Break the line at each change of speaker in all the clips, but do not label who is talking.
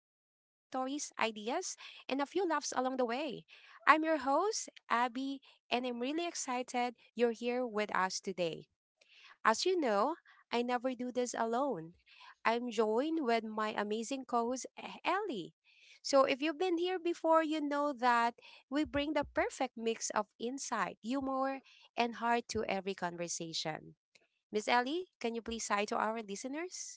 stories, ideas, and a few laughs along the way. I'm your host, Abby, and I'm really excited you're here with us today. As you know, I never do this alone. I'm joined with my amazing co host, Ellie. So, if you've been here before, you know that we bring the perfect mix of insight, humor, and heart to every conversation. Miss Ellie, can you please hi to our listeners?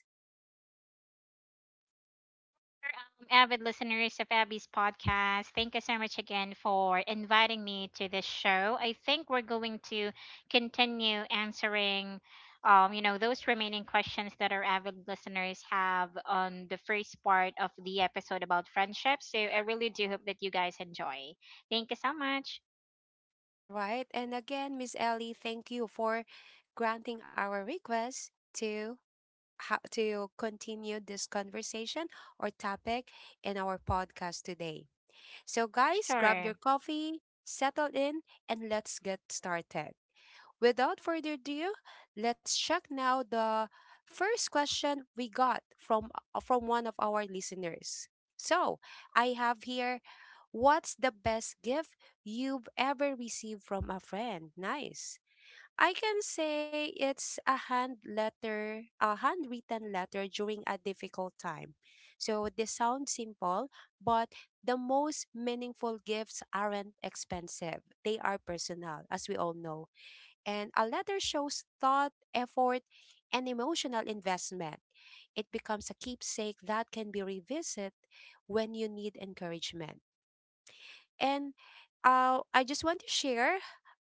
Avid listeners of Abby's podcast, thank you so much again for inviting me to this show. I think we're going to continue answering, those remaining questions that our avid listeners have on the first part of the episode about friendship. So I really do hope that you guys enjoy. Thank you so much.
All right. And again, Miss Ellie, thank you for granting our request to how to continue this conversation or topic in our podcast today. So guys, grab
Sure.
your coffee, settle in, and let's get started. Without further ado, let's check now the first question we got from one of our listeners. So, I have here what's the best gift you've ever received from a friend? Nice. I can say it's a hand letter, a handwritten letter during a difficult time. So they sound simple, but the most meaningful gifts aren't expensive. They are personal, as we all know, and a letter shows thought, effort, and emotional investment. It becomes a keepsake that can be revisited when you need encouragement. And I just want to share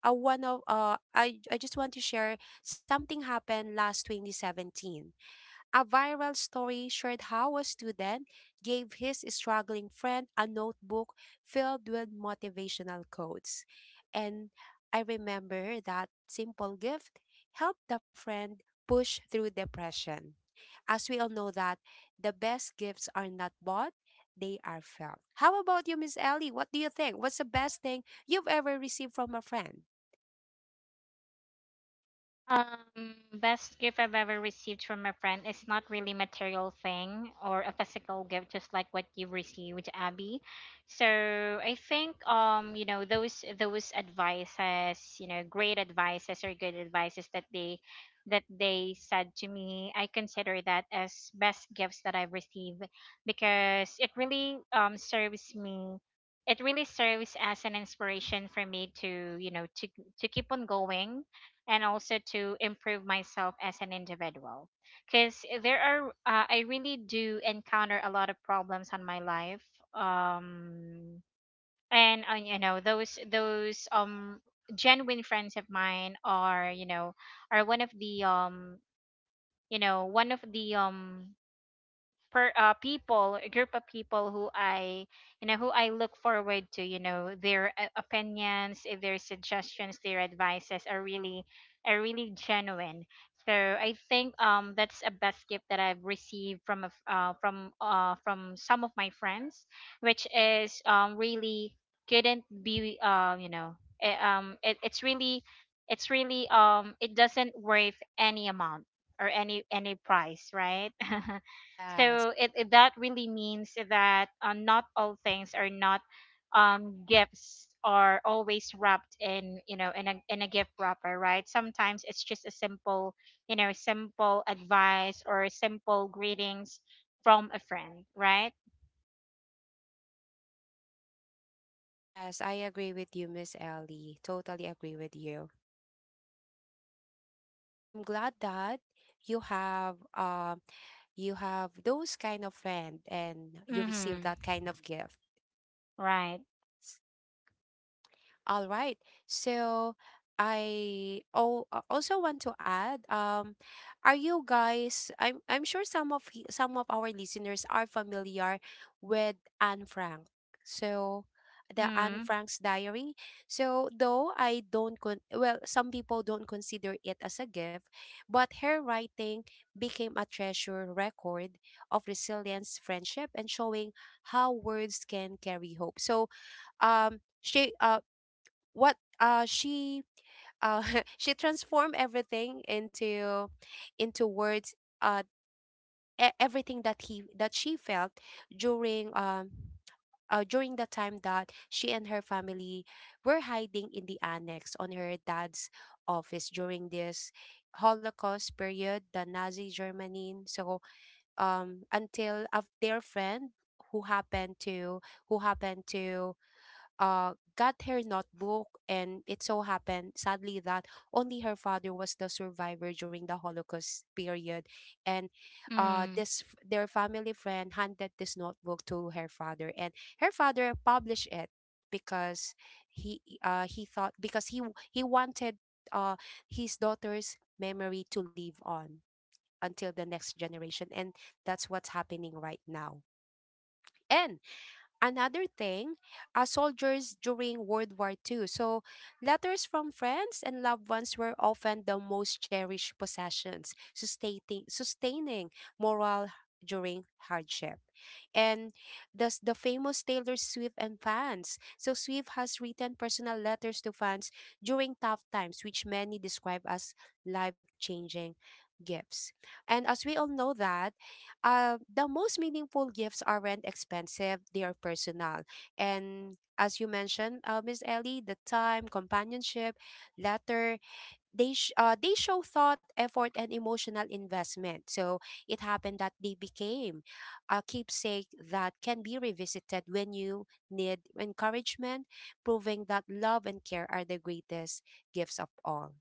one of I just want to share something happened last 2017. A viral story shared how a student gave his struggling friend a notebook filled with motivational quotes. And I remember that simple gift helped the friend push through depression. As we all know that the best gifts are not bought, they are felt. How about you, Miss Ellie? What do you think? What's the best thing you've ever received from a friend?
Um, Best gift I've ever received from a friend is not really material thing or a physical gift, just like what you received, Abby. So I think those advices, you know, great advices or good advices that they said to me, I consider that as best gifts that I've received because it really serves me, it really serves as an inspiration for me to, you know, to keep on going, and also to improve myself as an individual because there are I really do encounter a lot of problems on my life. Um and uh, you know, those genuine friends of mine are, you know, are one of the, one of the, per people, a group of people who I, you know, who I look forward to, you know, their opinions, their suggestions, their advices are really, are really genuine. So I think that's a best gift that I've received from a f from some of my friends, which is really couldn't be it's really, it's really, it doesn't worth any amount or any price, right?
Yes.
So that really means that not all things are not, gifts are always wrapped in, you know, in a, in a gift wrapper, right? Sometimes it's just a simple, you know, simple advice or simple greetings from a friend, right?
Yes, I agree with you, Miss Ellie. Totally agree with you, and I'm glad that you have uh, you have those kind of friend and you receive
Mm-hmm.
that kind of gift.
Right.
All right. So I also want to add, are you guys, I'm sure some of our listeners are familiar with Anne Frank. So the Anne
Mm-hmm.
Frank's diary. So though I don't con- well, some people don't consider it as a gift, but her writing became a treasure record of resilience, friendship, and showing how words can carry hope. So um she uh she uh she transformed everything into words, uh everything that she felt during um during the time that she and her family were hiding in the annex on her dad's office during this Holocaust period, the Nazi Germany. So until of their friend who happened to who happened to got her notebook, and it so happened, sadly, that only her father was the survivor during the Holocaust period, and
Mm-hmm.
their family friend handed this notebook to her father, and her father published it because he thought, because he wanted uh, his daughter's memory to live on until the next generation, and that's what's happening right now. And another thing, soldiers during World War Two. So, letters from friends and loved ones were often the most cherished possessions, sustaining moral during hardship. And thus the famous Taylor Swift and fans. So Swift has written personal letters to fans during tough times, which many describe as life-changing gifts. And as we all know that the most meaningful gifts aren't expensive, they are personal. And as you mentioned, Miss Ellie, the time, companionship, letter, they show thought, effort, and emotional investment. So it happened that they became a keepsake that can be revisited when you need encouragement, proving that love and care are the greatest gifts of all.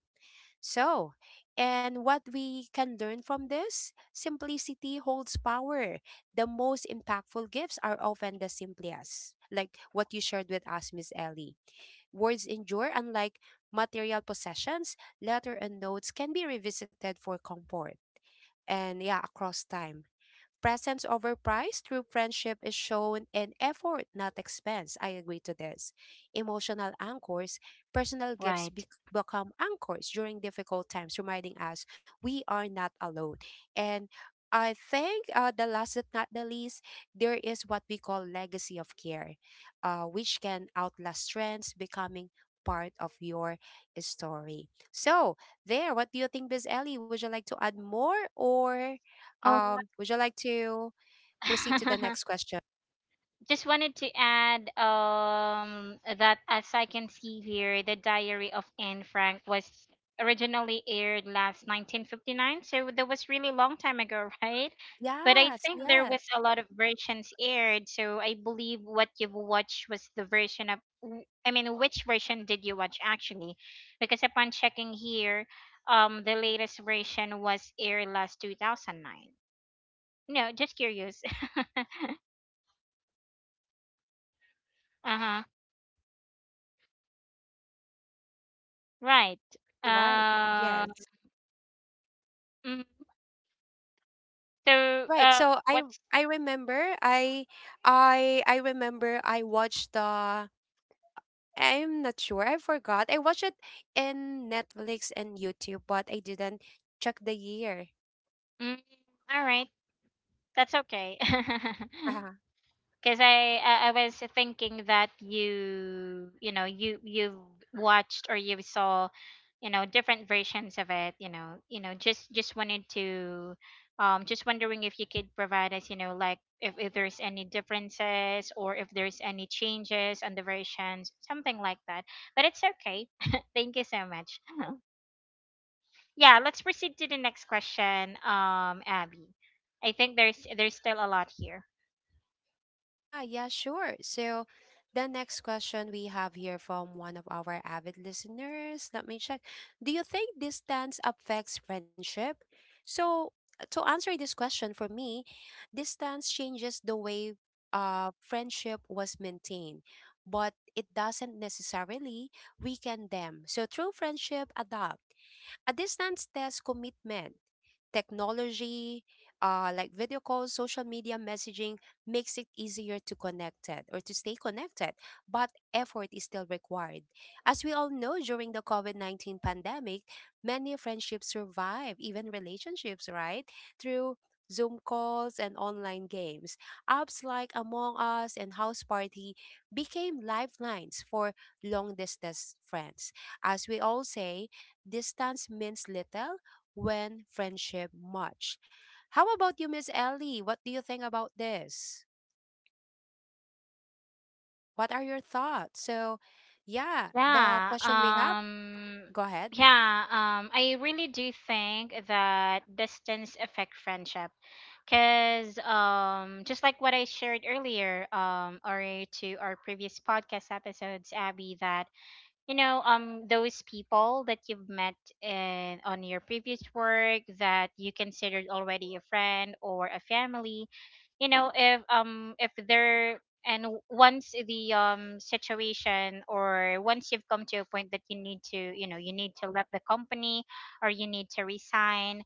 So, and what we can learn from this? Simplicity holds power. The most impactful gifts are often the simplest, like what you shared with us, Miss Ellie. Words endure, unlike material possessions, letter and notes can be revisited for comfort. And yeah, across time. Presence over price. True friendship is shown in effort, not expense. I agree to this. Emotional anchors, personal gifts
Right.
become anchors during difficult times, reminding us we are not alone. And I think, the last but not the least, there is what we call legacy of care, which can outlast trends, becoming part of your story. So, there, what do you think, Biz Ellie? Would you like to add more or
oh
would you like to proceed to the next question?
just wanted to add that, as I can see here, the Diary of Anne Frank was originally aired last 1959, so that was really long time ago, right? But I
Yes,
think there
yes.
was a lot of versions aired, so I believe what you've watched was the version of I mean, which version did you watch actually? Because upon checking here, the latest version was aired last 2009. No, just curious. Right.
All right.
Uh,
Yes.
mm,
All
so,
right.
uh,
So
what's
I remember I I remember I watched the, I'm not sure. I forgot. I watched it in Netflix and YouTube, but I didn't check the year.
mm, all right? That's okay. Because I was thinking that you've watched or you saw, you know, different versions of it. You know, you know, just wanted to, just wondering if you could provide us, you know, like if there's any differences or if there's any changes on the versions, something like that. But it's okay. Thank you so much. Yeah, let's proceed to the next question, Abby. I think there's still a lot here.
Ah, yeah, sure. So the next question we have here from one of our avid listeners. Let me check. Do you think distance affects friendship? So to answer this question for me, distance changes the way friendship was maintained, but it doesn't necessarily weaken them. So true friendship adapt. A distance tests commitment. Technology, like video calls, social media messaging, makes it easier to connected or to stay connected, but effort is still required. As we all know, during the COVID 19 pandemic, many friendships survive, even relationships, right? Through Zoom calls and online games. Apps like Among Us and House Party became lifelines for long distance friends. As we all say, distance means little when friendship much. How about you, Miss Ellie? What do you think about this? What are your thoughts? So, yeah, the
Yeah.
question we have, go ahead.
Yeah, I really do think that distance affect friendship, cuz just like what I shared earlier, or to our previous podcast episodes, Abby, that, you know, those people that you've met in, on your previous work, that you considered already a friend or a family, you know, if, if they're, once the, situation or once you've come to a point that you need to, you know, you need to let the company or you need to resign,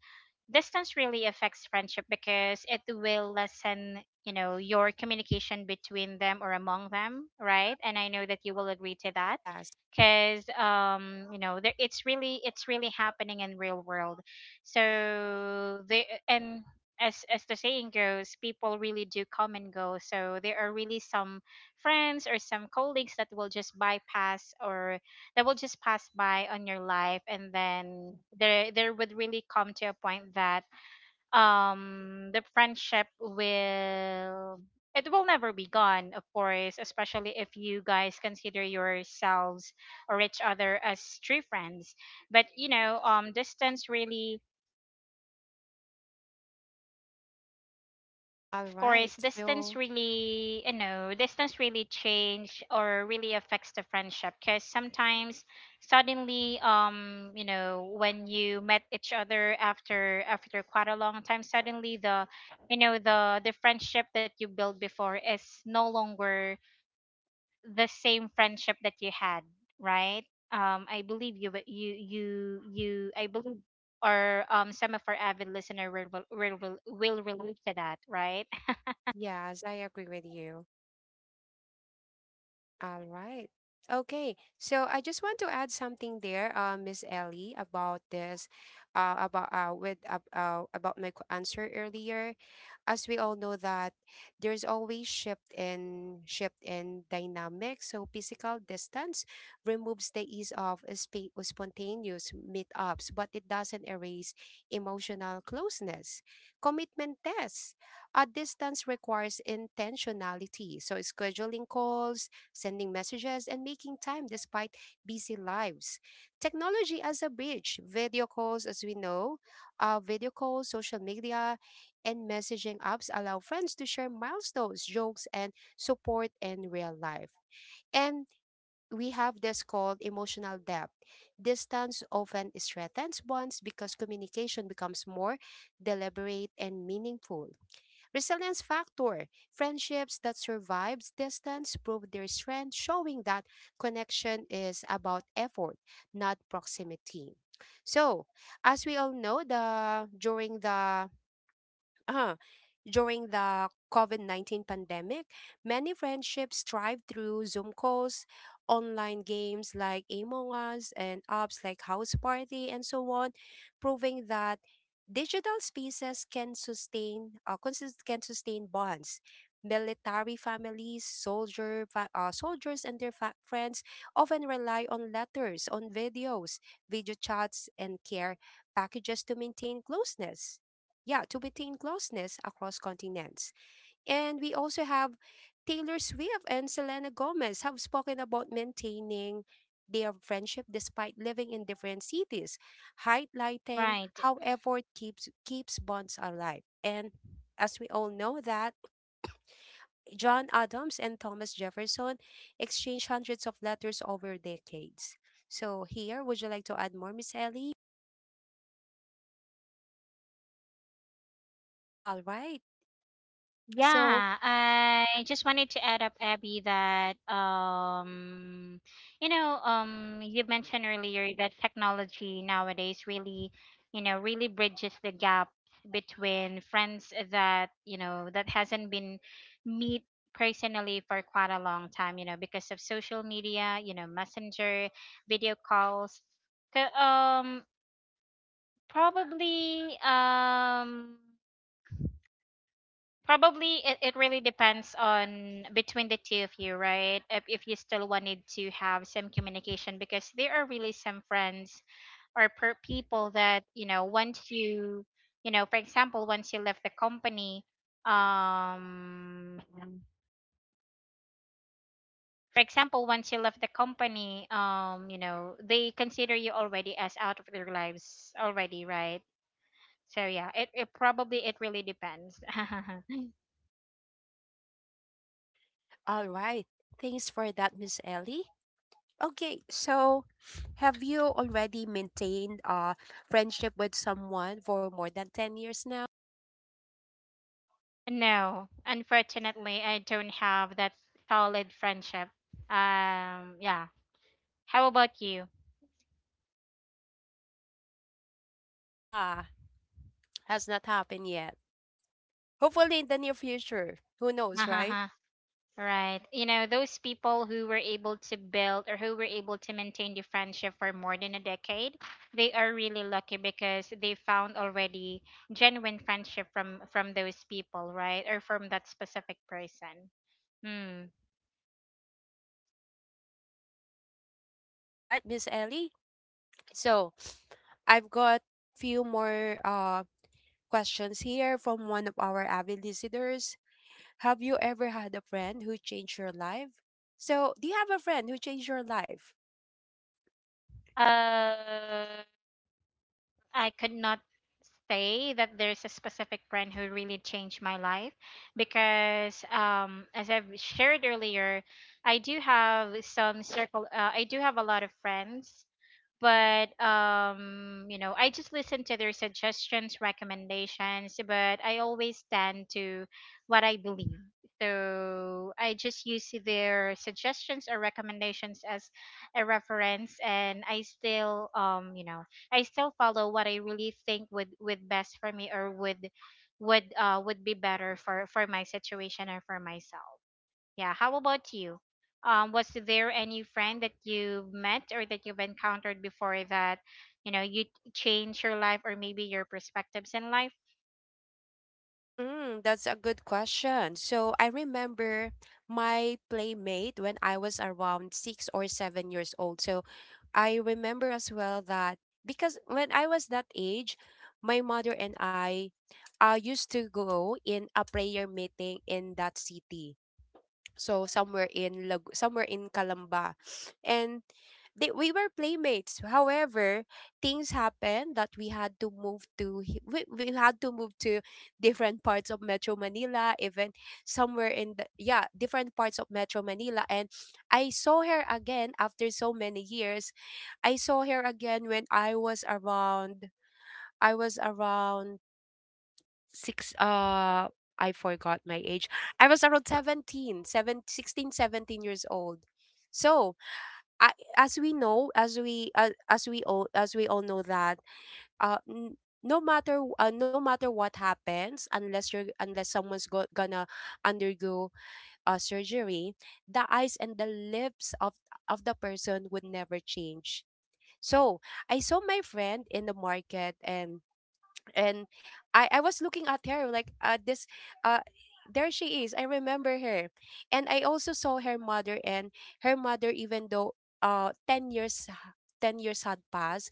distance really affects friendship because it will lessen, you know, your communication between them or among them, right? And I know that you will agree to that
Yes.
because, you know, there, it's really happening in real world. So they, and as the saying goes, people really do come and go. So there are really some friends or some colleagues that will just bypass or that will just pass by on your life, and then there would really come to a point that, the friendship will, it will never be gone, of course, especially if you guys consider yourselves or each other as true friends. But, you know, distance really. But
All
of
right.
course, distance
So,
really, you know, distance really change or really affects the friendship because sometimes suddenly, you know, when you met each other after, after quite a long time, suddenly the, you know, the friendship that you built before is no longer the same friendship that you had, right? I believe you, but I believe, or some of our avid listener will relate to that, right?
yes, I agree with you. All right. Okay. So I just want to add something there, Miss Ellie, about this, about my answer earlier. As we all know that there's always shift in dynamics. So physical distance removes the ease of a spontaneous meetups, but it doesn't erase emotional closeness. Commitment tests, a distance requires intentionality, so scheduling calls, sending messages, and making time despite busy lives. Technology as a bridge, video calls, as we know, video calls, social media, and messaging apps allow friends to share milestones, jokes, and support in real life. And we have this called emotional depth. Distance often strengthens bonds because communication becomes more deliberate and meaningful. Resilience factor. Friendships that survives distance prove their strength, showing that connection is about effort, not proximity. So, as we all know, the during the uh, during the COVID 19 pandemic, many friendships thrived through Zoom calls, online games like Among Us, and apps like House Party, and so on, proving that digital spaces can sustain, can sustain bonds. Military families, soldiers, and their friends often rely on letters, on videos, video chats, and care packages to maintain closeness, yeah, to maintain closeness across continents. And we also have Taylor Swift and Selena Gomez have spoken about maintaining their friendship despite living in different cities, highlighting
Right.
how effort keeps bonds alive. And as we all know that John Adams and Thomas Jefferson exchanged hundreds of letters over decades. So here, would you like to add more, Miss Ellie? All right. So,
Yeah, I just wanted to add up, Abby, that, you know, you mentioned earlier that technology nowadays really, you know, really bridges the gap between friends that, you know, that hasn't been meet personally for quite a long time, you know, because of social media, you know, messenger, video calls. So, probably, um. Probably it really depends on between the two of you, right? If you still wanted to have some communication because there are really some friends or per people that, you know, once you, you know, for example, once you left the company, um, for example, once you left the company, you know, they consider you already as out of their lives already, right? So yeah, it probably, it really depends.
all right. Thanks for that, Miss Ellie. Okay, so have you already maintained a friendship with someone for more than 10 years now?
No, unfortunately, I don't have that solid friendship. Yeah. How about you?
Nah, has not happened yet. Hopefully in the near future. Who knows, right?
Hahaha. Right. You know, those people who were able to build or who were able to maintain the friendship for more than a decade, they are really lucky because they found already genuine friendship from those people, right? Or from that specific person. Hmm.
Right, Miss Ellie? So, I've got few more questions here from one of our avid listeners. Have you ever had a friend who changed your life? So, do you have a friend who changed your life?
Uh I could not say that there's a specific brand who really changed my life because, as I've shared earlier, I do have some circle, I do have a lot of friends, but you know, I just listen to their suggestions, recommendations, but I always stand to what I believe. So I just use their suggestions or recommendations as a reference, and I still, you know, I still follow what I really think would best for me or would be better for my situation or for myself, yeah. How about you? Was there any friend that you met or that you've encountered before that, you know, you change your life or maybe your perspectives in life?
Mm, that's a good question. So I remember my playmate when I was around 6 or 7 years old. So I remember as well that because when I was that age, my mother and I used to go in a prayer meeting in that city, so somewhere in somewhere in Calamba, and they, we were playmates. However, things happened that we had to we had to move to different parts of Metro Manila, even somewhere in the, yeah, different parts of Metro Manila, and I saw her again after so many years. I saw her again when I was around, I was around six I forgot my age. I was around 16, 17 years old. So, I, as we know, as we all know that uh n- no matter what happens, unless you're, unless someone's gonna undergo surgery, the eyes and the lips of the person would never change. So, I saw my friend in the market, and and I was looking at her like, uh, this, uh, there she is. I remember her. And I also saw her mother, and her mother, even though 10 years 10 years had passed,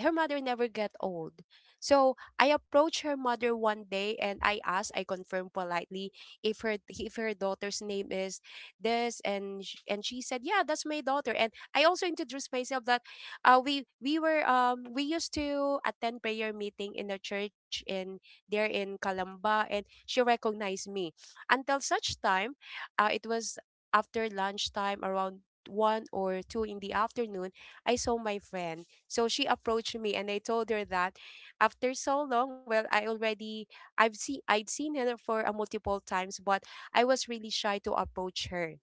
her mother never get old. So I approached her mother one day and I asked, I confirmed politely if her daughter's name is this and she said, "Yeah, that's my daughter." And I also introduced myself that we used to attend prayer meeting in a church in there in Calamba, and she recognized me. Until such time, it was after lunchtime, around one or two in the afternoon, I saw my friend, so she approached me and I told her that after so long, well, I already I'd seen her for a multiple times, but I was really shy to approach her.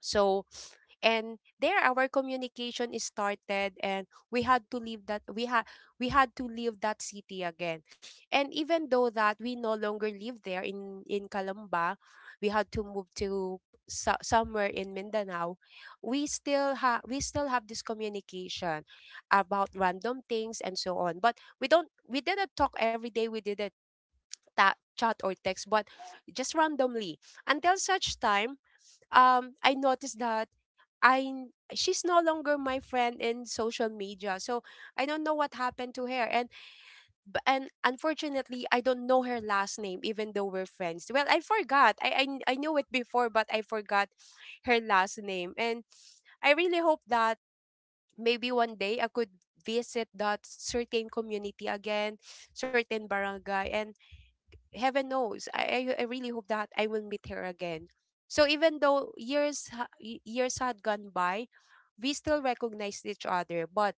So and there our communication is started, and we had to leave that we had to leave that city again. And even though that we no longer live there in Calamba, we had to move to somewhere in Mindanao, we still have this communication about random things and so on, but we didn't talk every day. We didn't chat or text, but just randomly. Until such time, I noticed that she's no longer my friend in social media. So I don't know what happened to her. And and unfortunately, I don't know her last name even though we're friends. Well, I forgot. I knew it before, but I forgot her last name. And I really hope that maybe one day I could visit that certain community again, certain barangay, and heaven knows I really hope that I will meet her again. So even though years had gone by, we still recognized each other, but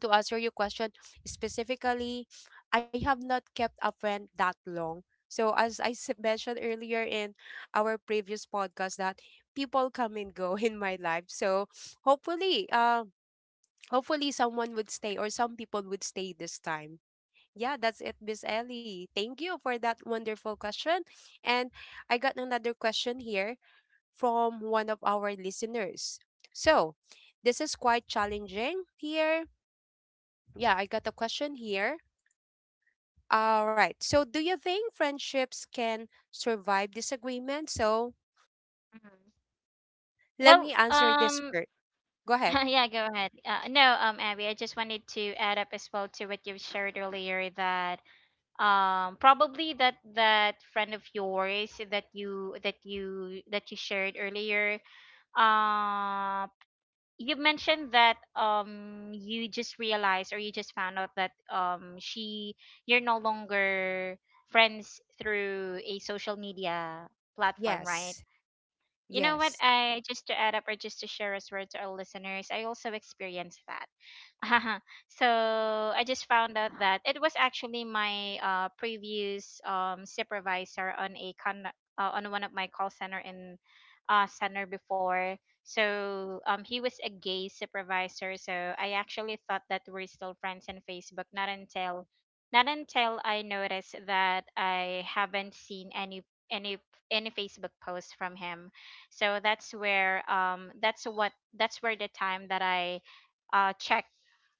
to answer your question specifically, I have not kept a friend that long. So as mentioned earlier in our previous podcast that people come and go in my life, so hopefully hopefully someone would stay, or some people would stay this time. Yeah, that's it, Miss Ellie. Thank you for that wonderful question. And I got another question here from one of our listeners. So, this is quite challenging here. Yeah, I got a question here. All right. So, do you think friendships can survive disagreement? So,
Mhm.
let me
Well,
answer this first. Go ahead.
yeah, go ahead. No, Abby, I just wanted to add up as well to what you've shared earlier, that probably that friend of yours that you shared earlier, um you mentioned that you just realized or you just found out that she, you're no longer friends through a social media platform, right?
Yes.
You know what?
Yes.
I just to add up or just to share as well to our listeners, I also experienced that. So I just found out that it was actually my previous, supervisor on on one of my call center in center before. So he was a gay supervisor. So I actually thought that we're still friends in Facebook. Not until I noticed that I haven't seen any, any any Facebook posts from him. So that's where, that's what, that's where the time that I, check,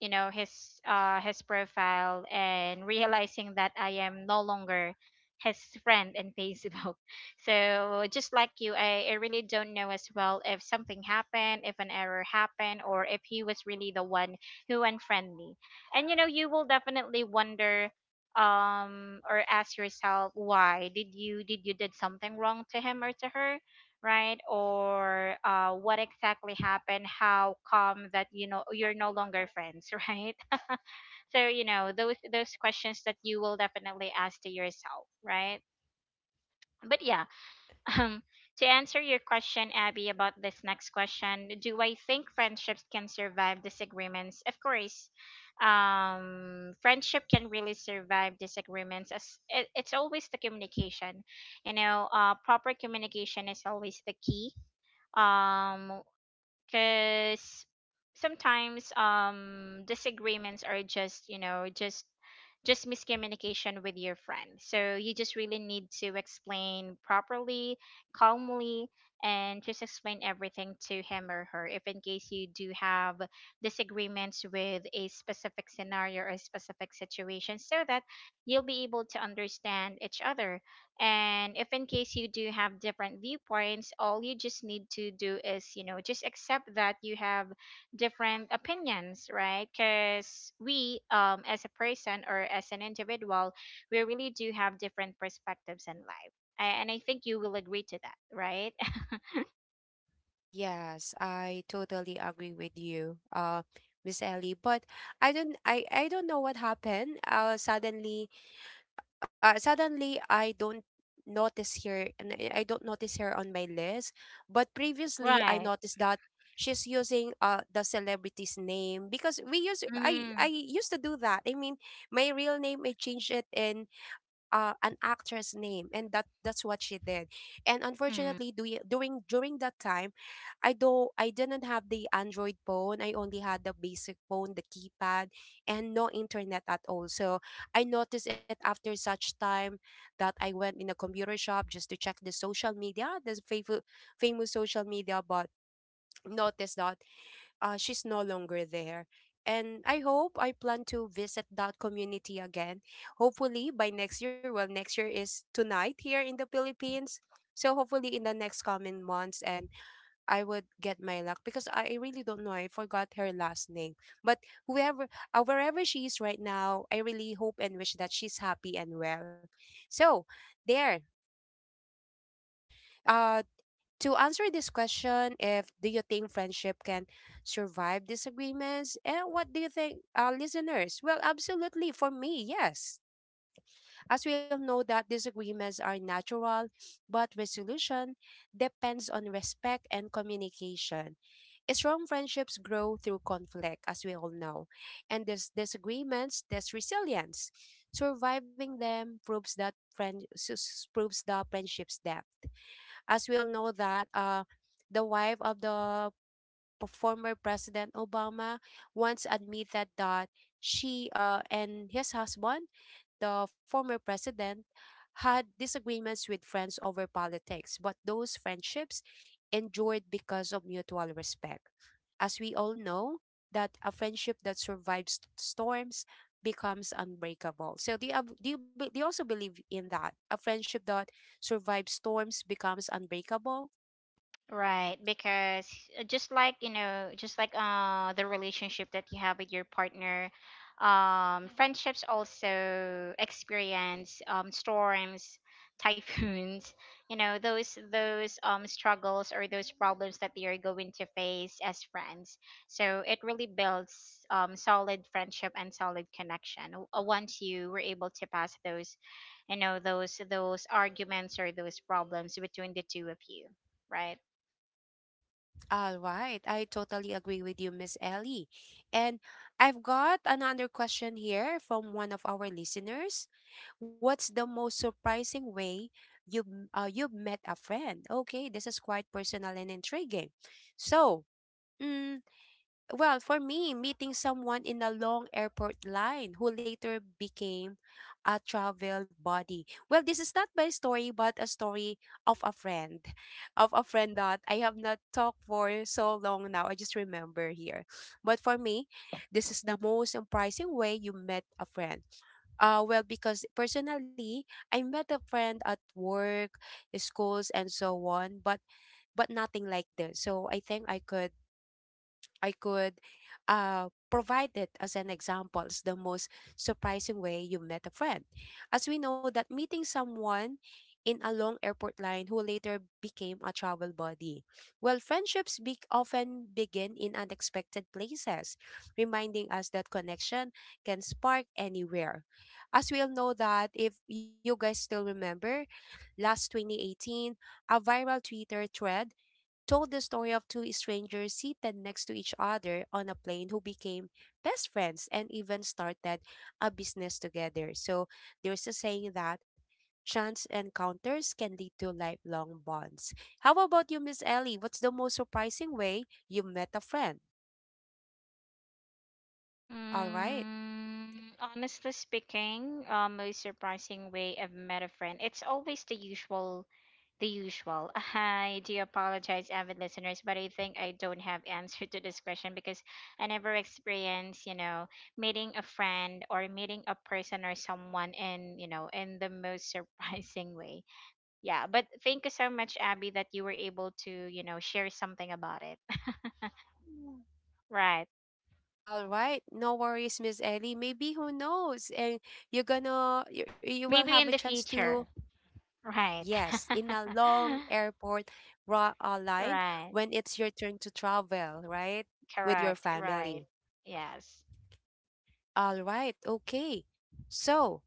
you know, his, his profile, and realizing that I am no longer his friend in Facebook. So just like you, I really don't know as well if something happened, if an error happened, or if he was really the one who unfriended me. And you know, you will definitely wonder, or ask yourself, why did you, did you, did something wrong to him or to her, right? Or what exactly happened, how come that, you know, you're no longer friends? Right. So you know those questions that you will definitely ask to yourself, right? But yeah, um to answer your question, Abby, about this next question, do I think friendships can survive disagreements? Of course. Friendship can really survive disagreements, as it's always the communication. You know, proper communication is always the key. um because sometimes, disagreements are just, you know, just miscommunication with your friend. So you just really need to explain properly, calmly, and just explain everything to him or her, if in case you do have disagreements with a specific scenario or a specific situation, so that you'll be able to understand each other. And if in case you do have different viewpoints, all you just need to do is, you know, just accept that you have different opinions, right? Because we, as a person or as an individual, we really do have different perspectives in life. And I think you will agree to that, right?
Yes, I totally agree with you, Miss Ellie. But I don't know what happened. Suddenly I don't notice her, and I don't notice her on my list. But previously I
Right.
noticed that she's using the celebrity's name because we use I
Mm-hmm.
I used to do that. I mean, my real name, I changed it in an actress name, and that's what she did. And unfortunately do during during that time, I didn't have the Android phone. I only had the basic phone, the keypad, and no internet at all. So I noticed it after such time that I went in a computer shop just to check the social media, the famous social media, but noticed that she's no longer there. And I plan to visit that community again. Hopefully by next year. Well, next year is tonight here in the Philippines. So hopefully in the next coming months, and I would get my luck because I really don't know. I forgot her last name. But whoever, wherever she is right now, I really hope and wish that she's happy and well. So, there. Uh, to answer this question, if do you think friendship can survive disagreements? And what do you think, listeners? Well, absolutely. For me, yes. As we all know that disagreements are natural, but resolution depends on respect and communication. Strong friendships grow through conflict, as we all know. And these disagreements test resilience. Surviving them proves that proves the friendship's depth. As we all know that the wife of the former President Obama once admitted that she, and his husband, the former president, had disagreements with friends over politics, but those friendships endured because of mutual respect. As we all know, that a friendship that survives storms becomes unbreakable. So do you, do you also believe in that? A friendship that survives storms becomes unbreakable?
Right, because, just like you know, just like, the relationship that you have with your partner, friendships also experience storms, typhoons, you know, those struggles or those problems that they are going to face as friends. So it really builds solid friendship and solid connection, once you were able to pass those, you know, those arguments or those problems between the two of you, right?
All right, I totally agree with you, Miss Ellie. And I've got another question here from one of our listeners. What's the most surprising way you've you've met a friend? Okay, this is quite personal and intriguing. So, mm, well, for me, meeting someone in a long airport line who later became a travel buddy. Well, this is not my story, but a story of a friend, of a friend that I have not talked for so long now. I just remember here. But for me, this is the most surprising way you met a friend. Well, because personally, I met a friend at work, schools, and so on, but nothing like this. So I think I could provide it as an example. It's the most surprising way you met a friend. As we know that meeting someone in a long airport line who later became a travel buddy. Well, often begin in unexpected places, reminding us that connection can spark anywhere. As we all know that if you guys still remember, last 2018, a viral Twitter thread told the story of two strangers seated next to each other on a plane who became best friends and even started a business together. So there's a saying that chance encounters can lead to lifelong bonds. How about you, Miss Ellie? What's the most surprising way you met a friend? All right.
Mm, honestly speaking, most surprising way I've met a friend. It's always the usual, the usual. I do apologize, avid listeners, but I think I don't have answer to this question because I never experienced, you know, meeting a friend or meeting a person or someone in, you know, in the most surprising way. Yeah, but thank you so much, Abby, that you were able to, you know, share something about it. Right.
All right, no worries, Miss Ellie. Maybe who knows, and you will have
Maybe
a
in the
chance to.
future. Right.
Yes, in a long airport line
Right.
when it's your turn to travel, right? With your
Correct. Right.
family.
Yes.
All right, okay. So,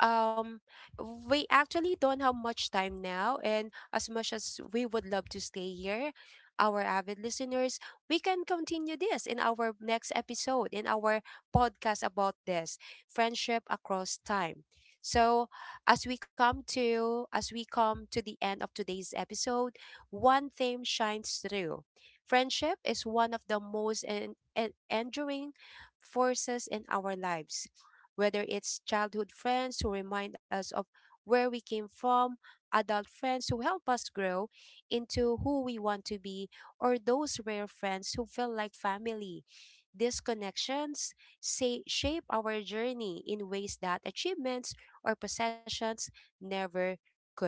um, we actually don't have much time now, and as much as we would love to stay here, our avid listeners, we can continue this in our next episode, in our podcast about this friendship across time. So, as we come to the end of today's episode, one theme shines through. Friendship is one of the most enduring forces in our lives, whether it's childhood friends who remind us of where we came from, adult friends who help us grow into who we want to be, or those rare friends who feel like family. These connections say, shape our journey in ways that achievements or possessions never could.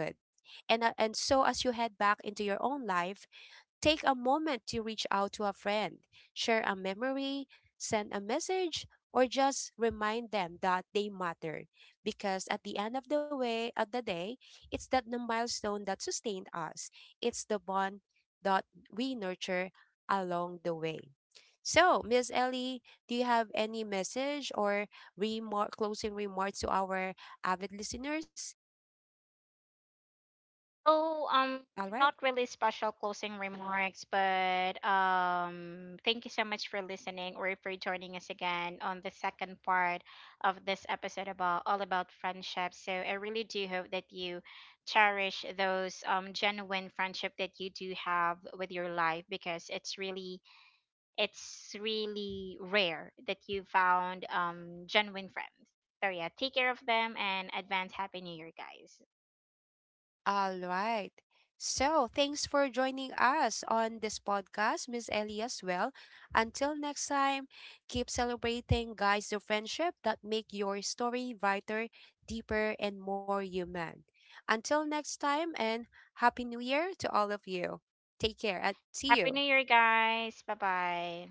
And so, as you head back into your own life, take a moment to reach out to a friend, share a memory, send a message, or just remind them that they mattered. Because at the end of the way of the day, it's that the milestone that sustained us. It's the bond that we nurture along the way. So, Miss Ellie, do you have any message or closing remarks to our avid listeners?
So,
All right.
not really special closing remarks, but thank you so much for listening or for joining us again on the second part of this episode about all about friendship. So I really do hope that you cherish those genuine friendship that you do have with your life because it's really, it's really rare that you found, genuine friends. So yeah, take care of them, and advance Happy New Year, guys.
All right. So, thanks for joining us on this podcast, Miss Ellie as well. Until next time, keep celebrating, guys, the friendship that make your story brighter, deeper, and more human. Until next time, and Happy New Year to all of you. Take care and see
Happy New
you.
Year, guys. Bye bye.